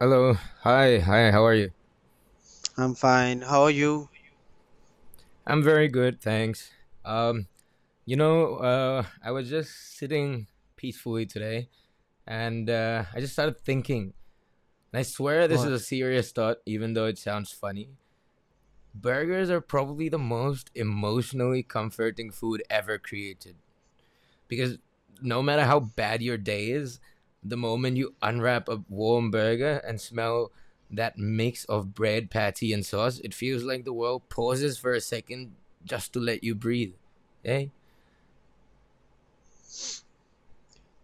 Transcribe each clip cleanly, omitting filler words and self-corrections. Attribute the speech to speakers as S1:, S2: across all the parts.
S1: Hello. Hi. Hi. How are you?
S2: I'm fine. How are you?
S1: I'm very good, thanks. Um, I was just sitting peacefully today, and I just started thinking. And I swear this is
S2: What?
S1: a serious thought, even though it sounds funny. Burgers are probably the most emotionally comforting food ever created, because no matter how bad your day is, the moment you unwrap a warm burger and smell that mix of bread, patty, and sauce, it feels like the world pauses for a second just to let you breathe. Eh?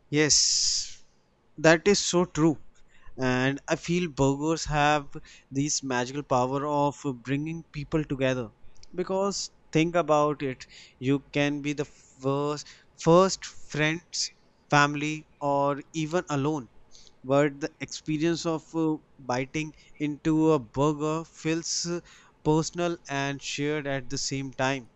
S2: Yes, that is so true. And I feel burgers have this magical power of bringing people together. Because think about it, you can be the first friends, family, or even alone. But the experience of biting into a burger feels personal and shared at the same time.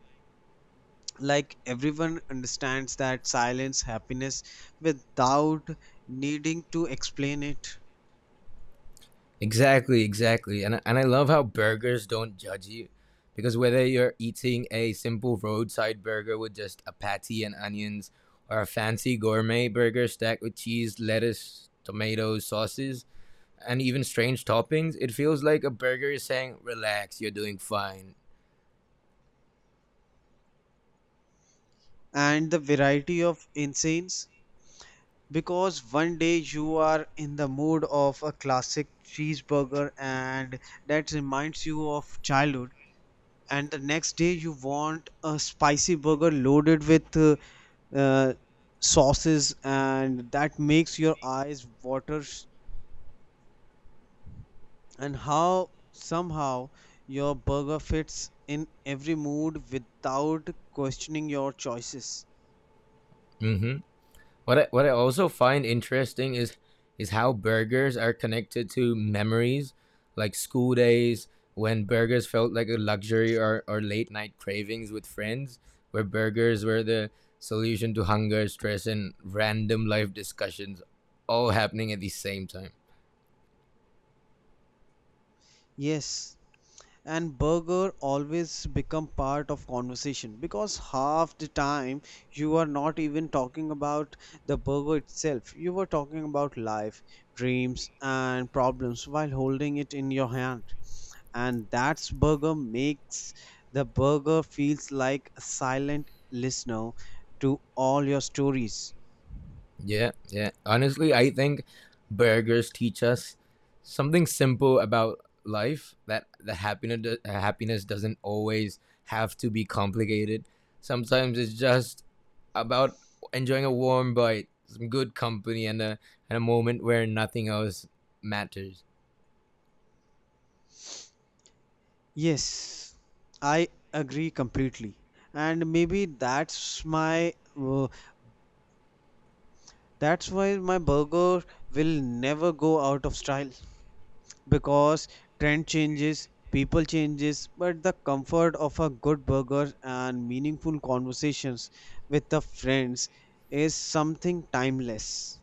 S2: Like everyone understands that silence happiness without needing to explain it.
S1: Exactly, exactly. And I love how burgers don't judge you because whether you're eating a simple roadside burger with just a patty and onions or a fancy gourmet burger stacked with cheese, lettuce, tomatoes, sauces, and even strange toppings, it feels like a burger is saying, "Relax, you're doing fine."
S2: And the variety of incense, because one day you are in the mood of a classic cheeseburger and that reminds you of childhood, and the next day you want a spicy burger loaded with uh, sauces and that makes your eyes water. And how somehow your burger fits in every mood without questioning your choices.
S1: Hmm. What I also find interesting is how burgers are connected to memories, like school days when burgers felt like a luxury, or late night cravings with friends, where burgers were the solution to hunger, stress, and random life discussions, all happening at the same time.
S2: Yes, and burger always become part of conversation because half the time you are not even talking about the burger itself, you were talking about life, dreams and problems while holding it in your hand. And that's burger makes the burger feels like a silent listener to all your stories.
S1: Yeah, yeah. Honestly, I think burgers teach us something simple about life, that the happiness happiness doesn't always have to be complicated. Sometimes it's just about enjoying a warm bite, some good company, and a moment where nothing else matters.
S2: Yes, I agree completely. And maybe uh, that's why my burger will never go out of style, because trend changes, people changes, but the comfort of a good burger and meaningful conversations with the friends is something timeless.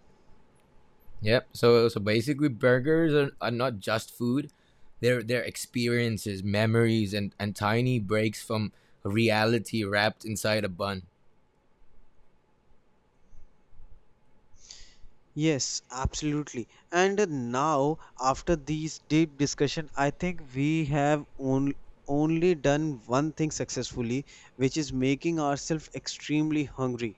S1: Yep. So basically, burgers are not just food; they're experiences, memories, and tiny breaks from reality wrapped inside a bun.
S2: Yes, absolutely. And now, after these deep discussion, I think we have on, only done one thing successfully, which is making ourselves extremely hungry.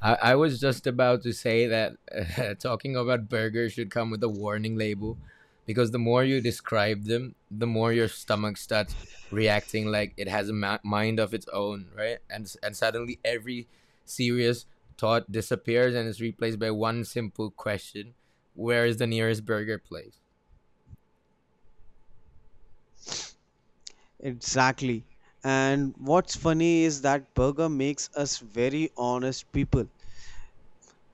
S1: I was just about to say that talking about burgers should come with a warning label because the more you describe them, the more your stomach starts reacting like it has a mind of its own, right? And suddenly every serious thought disappears and is replaced by one simple question: where is the nearest burger place?
S2: Exactly. And what's funny is that burger makes us very honest people,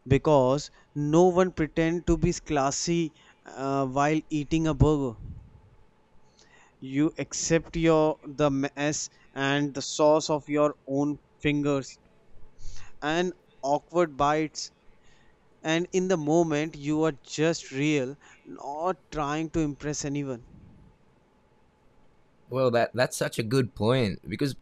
S2: because no one pretend to be classy while eating a burger. You accept your the mess and the sauce of your own fingers and awkward bites, and in the moment you are just real, not trying to impress anyone.
S1: Well, that's such a good point because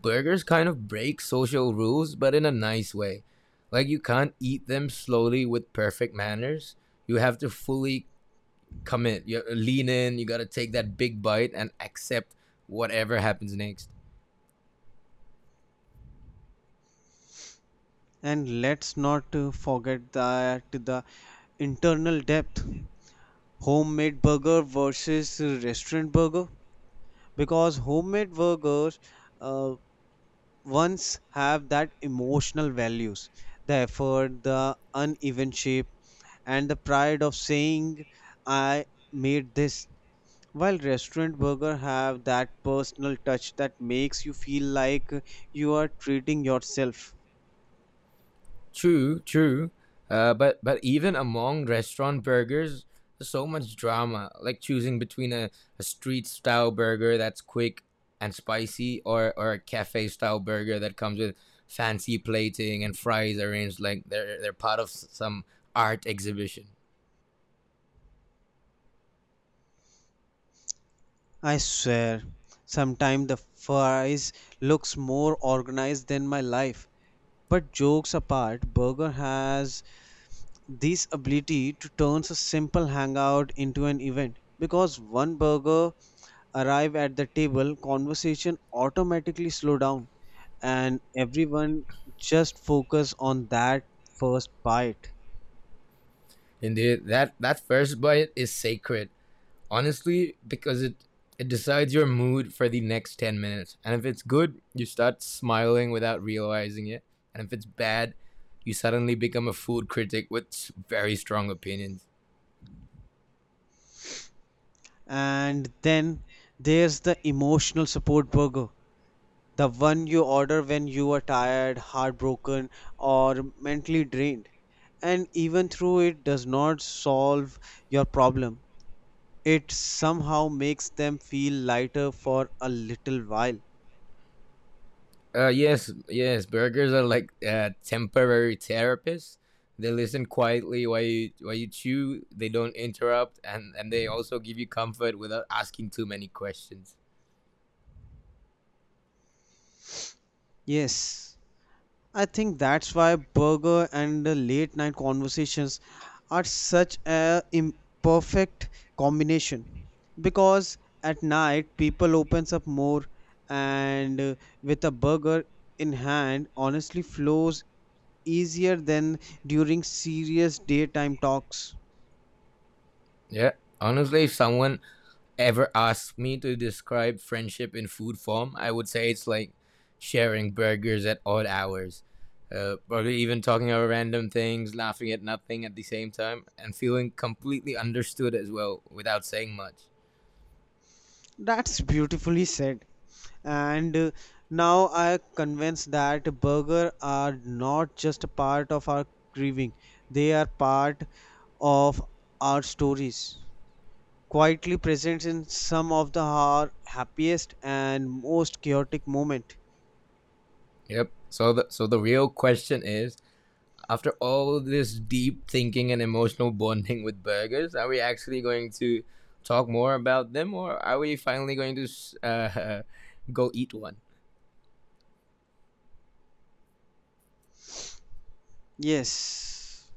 S1: burgers kind of break social rules, but in a nice way. Like you can't eat them slowly with perfect manners. You have to fully commit. You lean in. You gotta take that big bite and accept whatever happens next.
S2: And let's not forget that the internal depth, homemade burger versus restaurant burger, because homemade burgers uh, once have that emotional values, the effort, the uneven shape, and the pride of saying I made this. While restaurant burger have that personal touch that makes you feel like you are treating yourself.
S1: True, true. But even among restaurant burgers, there's so much drama. Like choosing between a street style burger that's quick and spicy, or a cafe style burger that comes with fancy plating and fries arranged like they're part of some art exhibition.
S2: I swear, sometimes the fries looks more organized than my life. But jokes apart, burger has this ability to turn a simple hangout into an event. Because one burger arrive at the table, conversation automatically slow down and everyone just focus on that first bite.
S1: Indeed, that first bite is sacred. Honestly, because it decides your mood for the next 10 minutes, and if it's good, you start smiling without realizing it, and if it's bad, you suddenly become a food critic with very strong opinions.
S2: And then there's the emotional support burger, the one you order when you are tired, heartbroken, or mentally drained. And even though it does not solve your problem, it somehow makes them feel lighter for a little while.
S1: Yes, yes, burgers are like temporary therapists. They listen quietly while you chew. They don't interrupt, and they also give you comfort without asking too many questions.
S2: Yes, I think that's why burger and the late night conversations are such a imperfect combination, because at night people opens up more, and with a burger in hand honestly flows easier than during serious daytime talks.
S1: Yeah, honestly, if someone ever asked me to describe friendship in food form, I would say it's like sharing burgers at odd hours, probably even talking about random things, laughing at nothing at the same time, and feeling completely understood as well without saying much.
S2: That's beautifully said. And now I convinced that burger are not just a part of our grieving; they are part of our stories, quietly present in some of the our happiest and most chaotic moment.
S1: Yep. So the real question is, after all this deep thinking and emotional bonding with burgers, are we actually going to talk more about them, or are we finally going to go eat one?
S2: Yes,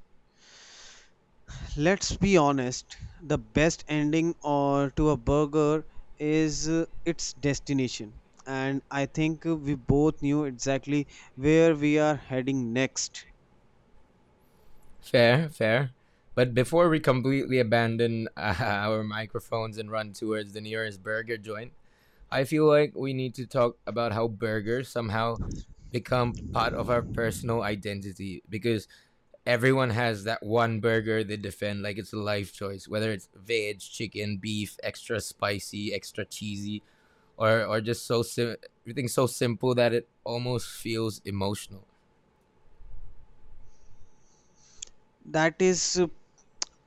S2: let's be honest. The best ending or to a burger is its destination, and I think we both knew exactly where we are heading next.
S1: Fair, fair. But before we completely abandon our microphones and run towards the nearest burger joint, I feel like we need to talk about how burgers somehow become part of our personal identity, because everyone has that one burger they defend like it's a life choice, whether it's veg, chicken, beef, extra spicy, extra cheesy, or just everything so simple that it almost feels emotional.
S2: That is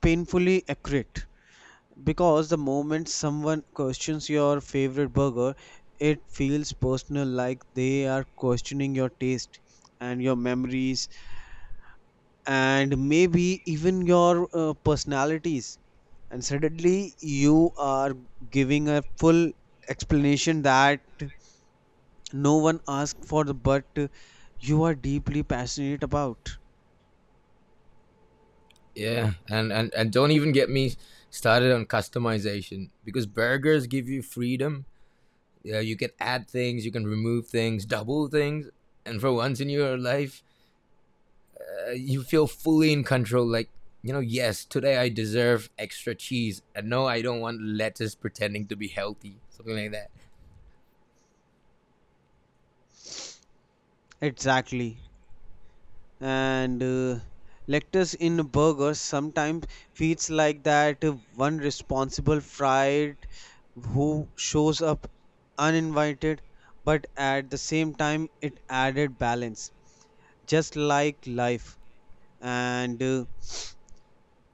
S2: painfully accurate, because the moment someone questions your favorite burger, it feels personal like they are questioning your taste and your memories and maybe even your personalities. And suddenly you are giving a full explanation that no one asked for, the but you are deeply passionate about.
S1: Yeah, and don't even get me started on customization because burgers give you freedom. Yeah, you can add things, you can remove things, double things, and for once in your life, you feel fully in control. Like, you know, yes, today I deserve extra cheese, and no, I don't want lettuce pretending to be healthy, something like that.
S2: Exactly. And lettuce in burgers sometimes feels like that one responsible fried who shows up uninvited, but at the same time it added balance, just like life. And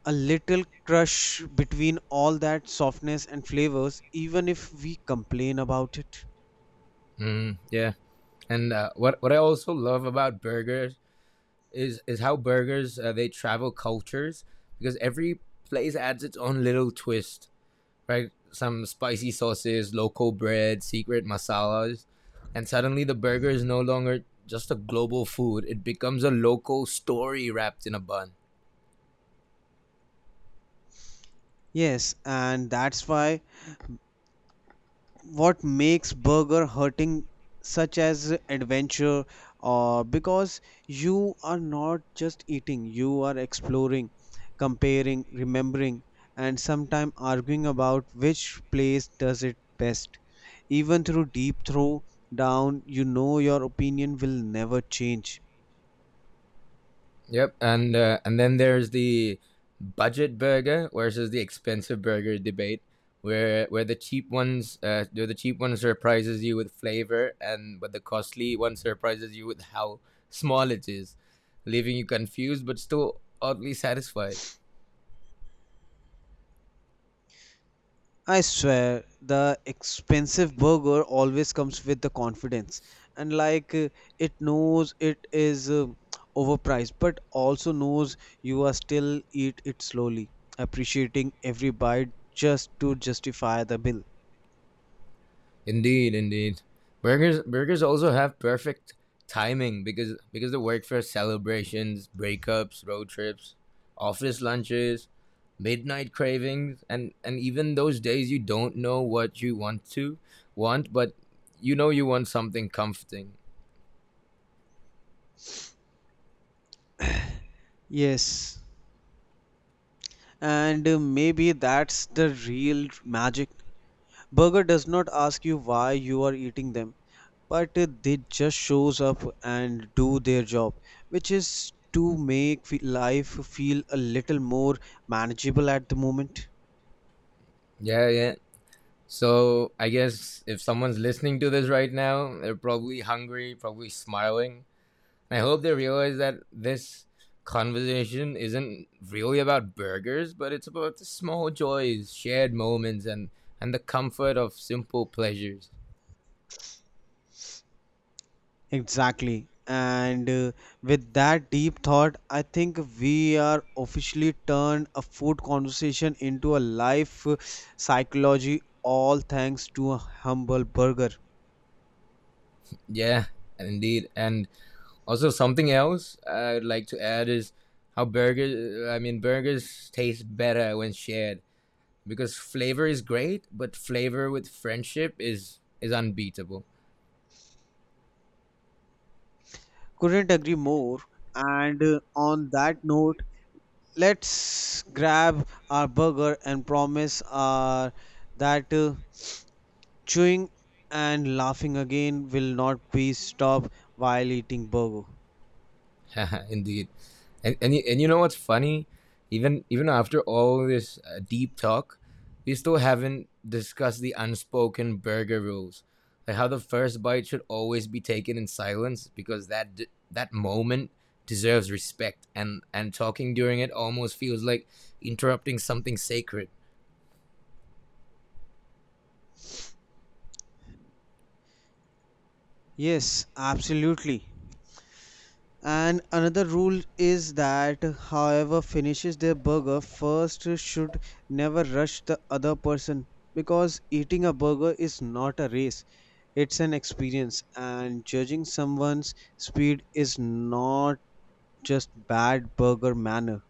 S2: a little crush between all that softness and flavors, even if we complain about it.
S1: Mm, yeah, and what I also love about burgers is how burgers they travel cultures because every place adds its own little twist, right? Some spicy sauces, local bread, secret masalas. And suddenly the burger is no longer just a global food, it becomes a local story wrapped in a bun.
S2: Yes, and that's why what makes burger hurting such as adventure, or because you are not just eating, you are exploring, comparing, remembering, and sometimes arguing about which place does it best. Even through deep throw down, you know your opinion will never change.
S1: Yep. And then there's the budget burger versus the expensive burger debate, where the cheap ones where the cheap one surprises you with flavor, and but the costly one surprises you with how small it is, leaving you confused but still oddly satisfied.
S2: I swear, the expensive burger always comes with the confidence, and like it knows it is overpriced, but also knows you are still eat it slowly, appreciating every bite just to justify the bill.
S1: Indeed, indeed. Burgers also have perfect timing, because they work for celebrations, breakups, road trips, office lunches, midnight cravings, and even those days you don't know what you want, but you know you want something comforting.
S2: Yes, and maybe that's the real magic. Burger does not ask you why you are eating them. But they just shows up and do their job, which is to make life feel a little more manageable at the moment.
S1: Yeah, yeah. So I guess if someone's listening to this right now, they're probably hungry, probably smiling, I hope they realize that this conversation isn't really about burgers, but it's about the small joys, shared moments, and the comfort of simple pleasures.
S2: Exactly. And with that deep thought, I think we are officially turned a food conversation into a life psychology, all thanks to a humble burger.
S1: Yeah, indeed. And also something else I'd like to add is how burgers. I mean, burgers taste better when shared because flavor is great, but flavor with friendship is unbeatable.
S2: Couldn't agree more. And on that note, let's grab our burger and promise our that chewing and laughing again will not be stopped while eating burger.
S1: Indeed. And you know what's funny? Even after all this deep talk, we still haven't discussed the unspoken burger rules. Like how the first bite should always be taken in silence because that moment deserves respect, and talking during it almost feels like interrupting something sacred.
S2: Yes, absolutely. And another rule is that however finishes their burger first should never rush the other person, because eating a burger is not a race, it's an experience, and judging someone's speed is not just bad burger manner.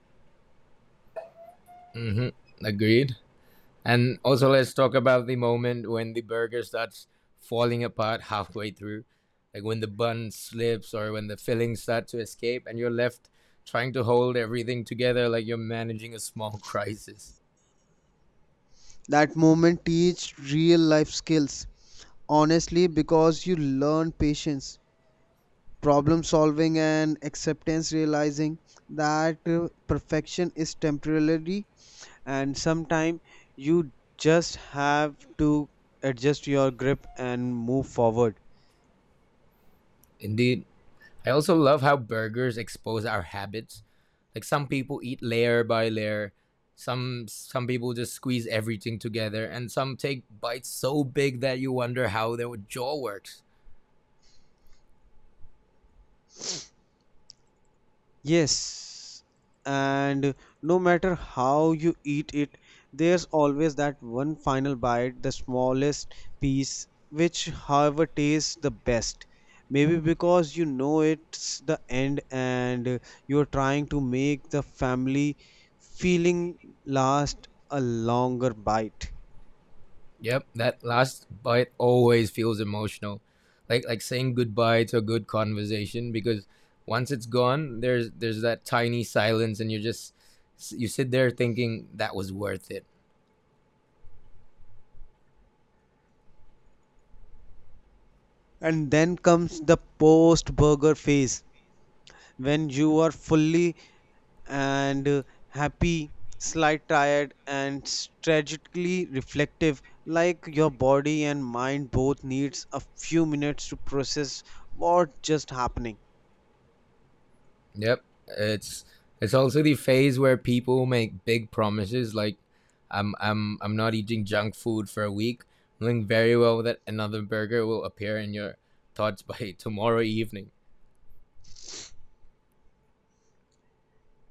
S1: Mhm. Agreed. And also, let's talk about the moment when the burger starts falling apart halfway through, like when the bun slips or when the fillings start to escape, and you're left trying to hold everything together like you're managing a small crisis.
S2: That moment teach real life skills. Honestly, because you learn patience, problem solving, and acceptance, realizing that perfection is temporary and sometime you just have to adjust your grip and move forward.
S1: Indeed. I also love how burgers expose our habits. Like, some people eat layer by layer, some people just squeeze everything together, and some take bites so big that you wonder how their jaw works.
S2: Yes, and no matter how you eat it, there's always that one final bite, the smallest piece, which, however, tastes the best. Maybe because you know it's the end and you're trying to make the family feeling last a longer bite.
S1: Yep, that last bite always feels emotional. Like saying goodbye to a good conversation, because once it's gone, there's that tiny silence and you sit there thinking that was worth it.
S2: And then comes the post burger phase, when you are fully and happy, slight tired, and strategically reflective, like your body and mind both needs a few minutes to process what just happening.
S1: Yep. It's it's also the phase where people make big promises like, I'm not eating junk food for a week, knowing very well that another burger will appear in your thoughts by tomorrow evening.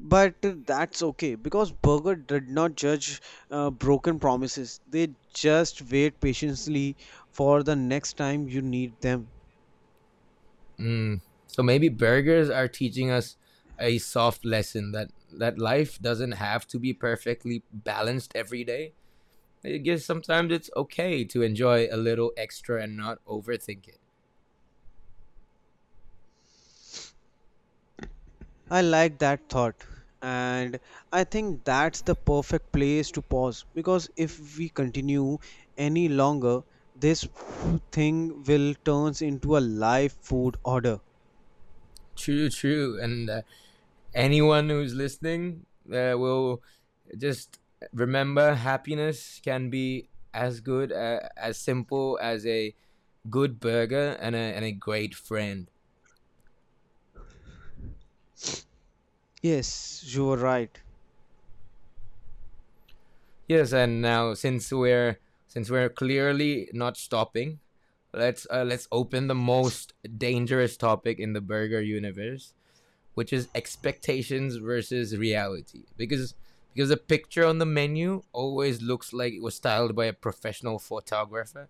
S2: But that's okay, because burger did not judge broken promises. They just wait patiently for the next time you need them.
S1: Mm. So maybe burgers are teaching us a soft lesson, that life doesn't have to be perfectly balanced every day. I guess sometimes it's okay to enjoy a little extra and not overthink it.
S2: I like that thought. And I think that's the perfect place to pause, because if we continue any longer, this thing will turns into a live food order.
S1: True, true. And anyone who's listening will just remember, happiness can be as good, as simple as a good burger and a great friend.
S2: Yes, you are right.
S1: Yes, and now since we're clearly not stopping, let's open the most dangerous topic in the burger universe, which is expectations versus reality. Because the picture on the menu always looks like it was styled by a professional photographer,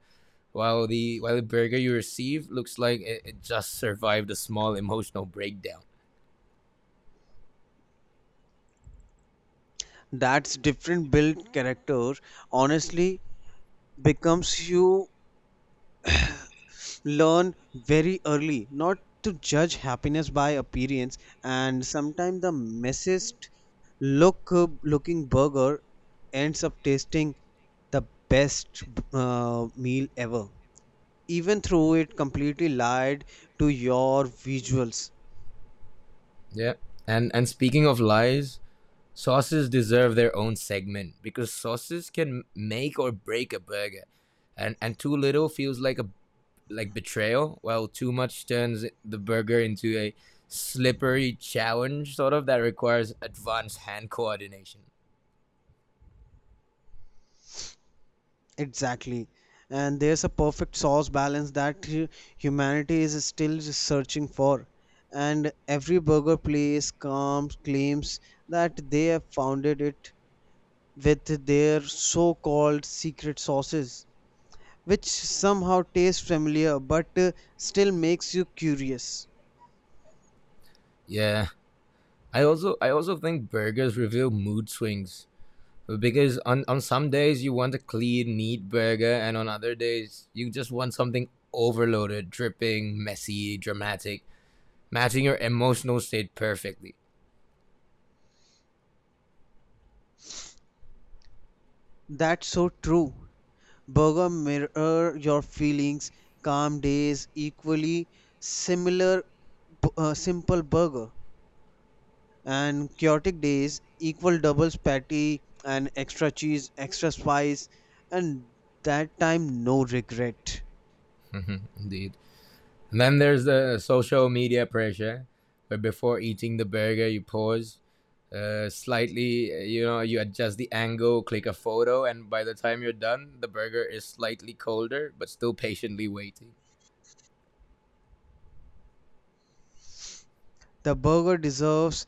S1: while the burger you receive looks like it just survived a small emotional breakdown.
S2: That's different build character honestly, becomes you learn very early not to judge happiness by appearance, and sometimes the messiest look looking burger ends up tasting the best meal ever, even though it completely lied to your visuals.
S1: Yeah. And speaking of lies, sauces deserve their own segment because sauces can make or break a burger, and too little feels like a like betrayal, while too much turns the burger into a slippery challenge sort of that requires advanced hand coordination.
S2: Exactly. And there's a perfect sauce balance that humanity is still searching for, and every burger place comes claims that they have founded it with their so called secret sauces, which somehow taste familiar but still makes you curious.
S1: Yeah, I also think burgers reveal mood swings, because on some days you want a clean, neat burger, and on other days you just want something overloaded, dripping, messy, dramatic, matching your emotional state perfectly.
S2: That's so true. Burger mirror your feelings, calm days, equally similar, simple burger, and chaotic days, equal doubles patty and extra cheese, extra spice, and that time no regret.
S1: Indeed. And then there's the social media pressure, where before eating the burger, you pause slightly, you know, you adjust the angle, click a photo, and by the time you're done, the burger is slightly colder, but still patiently waiting.
S2: The burger deserves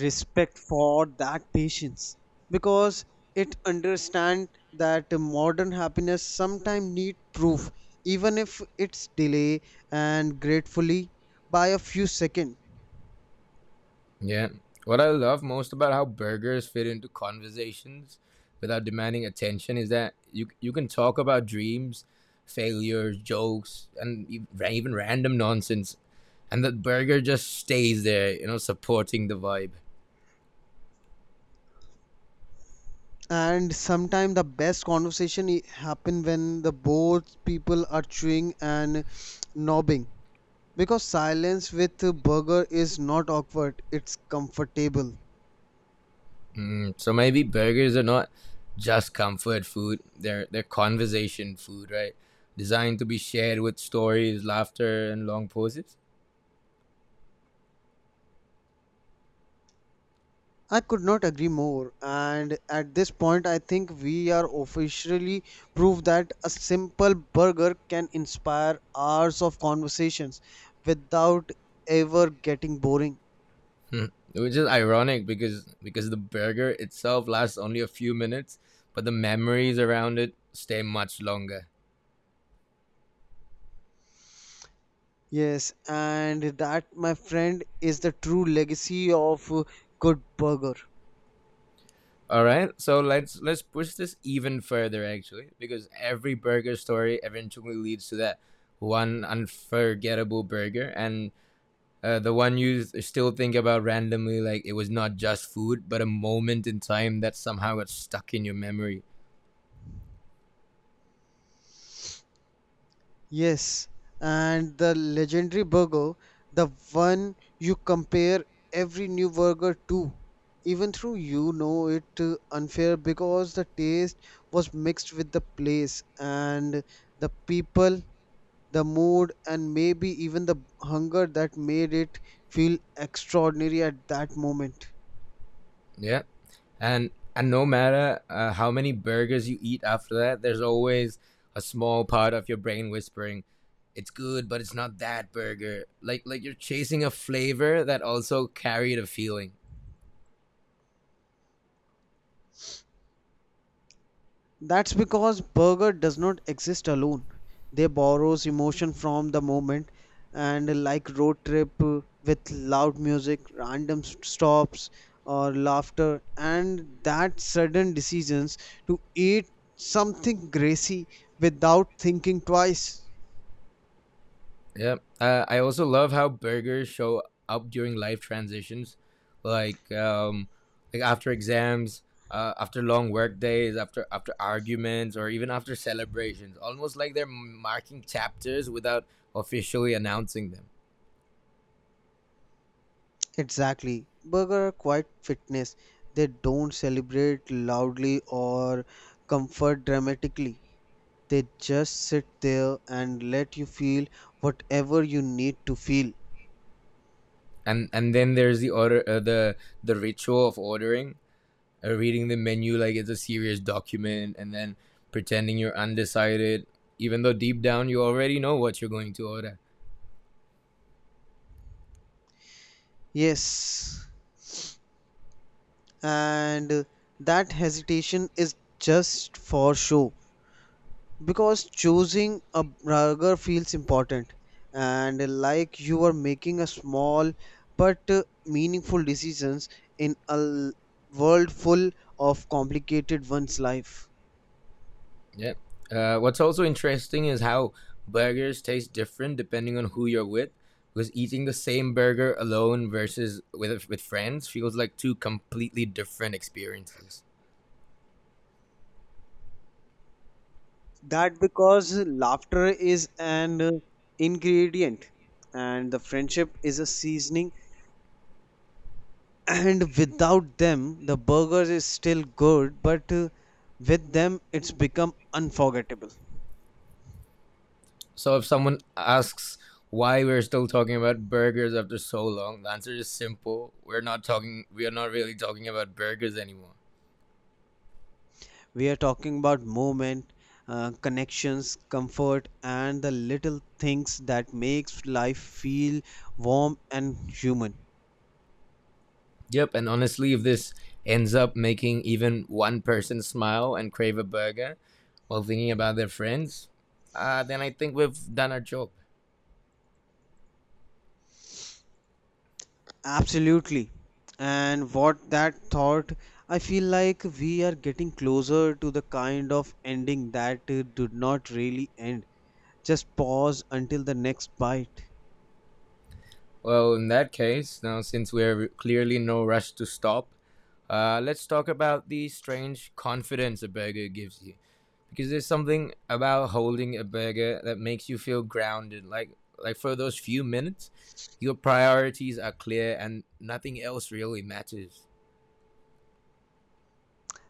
S2: respect for that patience, because it understand that modern happiness sometimes need proof, even if it's delay and gratefully by a few seconds.
S1: Yeah. What I love most about how burgers fit into conversations without demanding attention is that you can talk about dreams, failures, jokes, and even random nonsense, and that burger just stays there, you know, supporting the vibe.
S2: And sometimes the best conversation happen when the both people are chewing and nobbing, because silence with burger is not awkward, it's comfortable.
S1: Mm, so maybe burgers are not just comfort food; they're conversation food, right? Designed to be shared with stories, laughter, and long pauses.
S2: I could not agree more. And at this point, I think we are officially proof that a simple burger can inspire hours of conversations without ever getting boring.
S1: Hmm. Which is ironic, because the burger itself lasts only a few minutes, but the memories around it stay much longer.
S2: Yes, and that, my friend, is the true legacy of Good Burger.
S1: All right, so let's push this even further actually, because every burger story eventually leads to that one unforgettable burger, and the one you still think about randomly, like it was not just food, but a moment in time that somehow got stuck in your memory.
S2: Yes, and the legendary burger, the one you compare every new burger to, even though you know it unfair because the taste was mixed with the place and the people, the mood, and maybe even the hunger that made it feel extraordinary at that moment.
S1: Yeah, and no matter how many burgers you eat after that, there's always a small part of your brain whispering, it's good, but it's not that burger. Like you're chasing a flavor that also carried a feeling.
S2: That's because burger does not exist alone. They borrows emotion from the moment, and like road trip with loud music, random stops or laughter and that sudden decisions to eat something greasy without thinking twice.
S1: Yeah. I also love how burgers show up during life transitions, like um, like after exams, after long work days, after arguments, or even after celebrations. Almost like they're marking chapters without officially announcing them.
S2: Exactly. Burger are quite fitness. They don't celebrate loudly or comfort dramatically. They just sit there and let you feel whatever you need to feel.
S1: And then there's the order, the ritual of ordering, reading the menu like it's a serious document, and then pretending you're undecided, even though deep down you already know what you're going to order.
S2: Yes. And that hesitation is just for show, because choosing a burger feels important and like you are making a small but meaningful decisions in a world full of complicated one's life.
S1: Yeah. What's also interesting is how burgers taste different depending on who you're with, because eating the same burger alone versus with friends feels like two completely different experiences.
S2: That because laughter is an ingredient and the friendship is a seasoning, and without them the burger is still good, but with them it's become unforgettable.
S1: So if someone asks why we're still talking about burgers after so long, the answer is simple. We're not talking. We are not really talking about burgers anymore.
S2: We are talking about movement, connections, comfort, and the little things that makes life feel warm and human.
S1: Yep. And honestly, if this ends up making even one person smile and crave a burger, while thinking about their friends, then I think we've done our job.
S2: Absolutely. And what that thought, I feel like we are getting closer to the kind of ending that did not really end. Just pause until the next bite.
S1: Well, in that case, now since we're clearly in no rush to stop, let's talk about the strange confidence a burger gives you. Because there's something about holding a burger that makes you feel grounded. Like for those few minutes, your priorities are clear and nothing else really matters.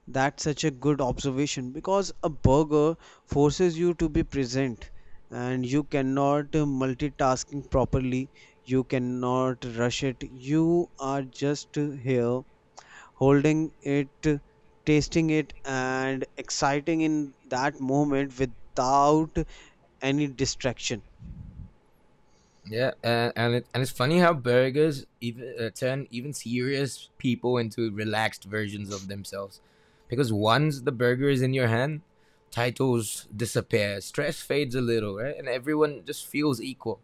S2: That's such a good observation, because a burger forces you to be present and you cannot multitasking properly. You cannot rush it. You are just here holding it, tasting it, and exciting in that moment without any distraction.
S1: Yeah, and and it's funny how burgers even turn even serious people into relaxed versions of themselves, because once the burger is in your hand, titles disappear, stress fades a little, right, and everyone just feels equal.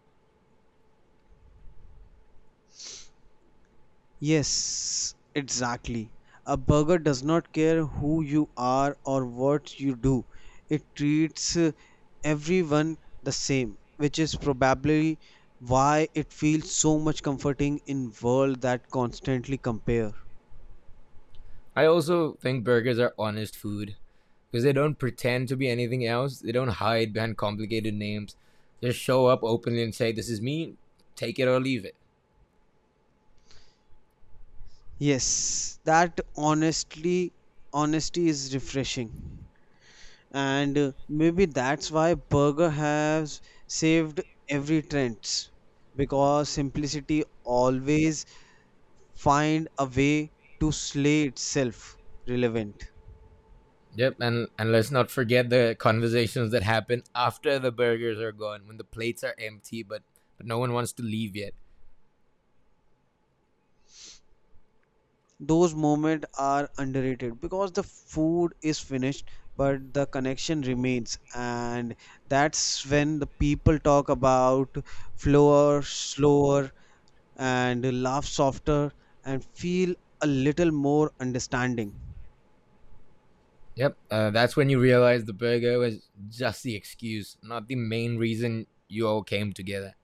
S2: Yes, exactly. A burger does not care who you are or what you do. It treats everyone the same, which is probably why it feels so much comforting in world that constantly compare.
S1: I also think burgers are honest food because they don't pretend to be anything else. They don't hide behind complicated names. They show up openly and say, "This is me. Take it or leave it."
S2: Yes, that honestly honesty is refreshing. And maybe that's why burger has saved every trends, because simplicity always find a way to slay itself relevant.
S1: Yep, and let's not forget the conversations that happen after the burgers are gone, when the plates are empty, but no one wants to leave yet.
S2: Those moments are underrated because the food is finished but the connection remains, and that's when the people talk about flower slower and laugh softer and feel a little more understanding.
S1: Yep, that's when you realize the burger was just the excuse, not the main reason you all came together.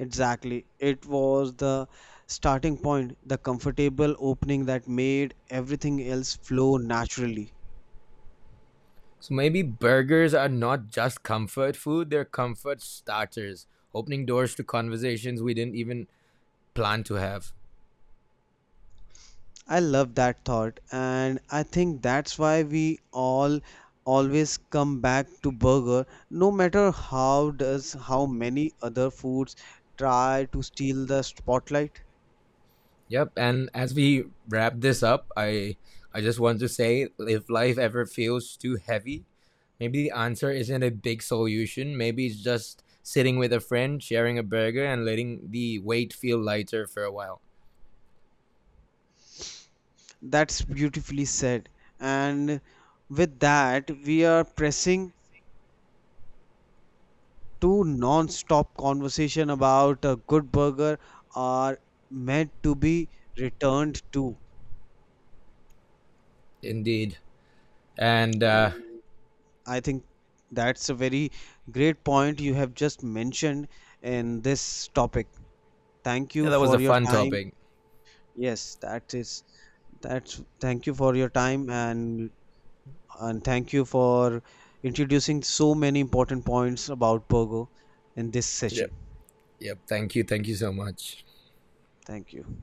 S2: Exactly, it was the starting point, the comfortable opening that made everything else flow naturally.
S1: So maybe burgers are not just comfort food; they're comfort starters, opening doors to conversations we didn't even plan to have.
S2: I love that thought, and I think that's why we all always come back to burger, no matter how many other foods try to steal the spotlight.
S1: Yep, and as we wrap this up, I just want to say, if life ever feels too heavy, maybe the answer isn't a big solution. Maybe it's just sitting with a friend, sharing a burger, and letting the weight feel lighter for a while.
S2: That's beautifully said. And with that, we are pressing to non-stop conversation about a good burger are meant to be returned to.
S1: Indeed. And
S2: And I think that's a very great point you have just mentioned in this topic. Thank
S1: yeah,
S2: you
S1: that was a
S2: for your
S1: fun
S2: time.
S1: topic.
S2: Yes, that's thank you for your time, and thank you for introducing so many important points about Pogo in this
S1: Yep.
S2: session.
S1: Yep. Thank you. Thank you so much.
S2: Thank you.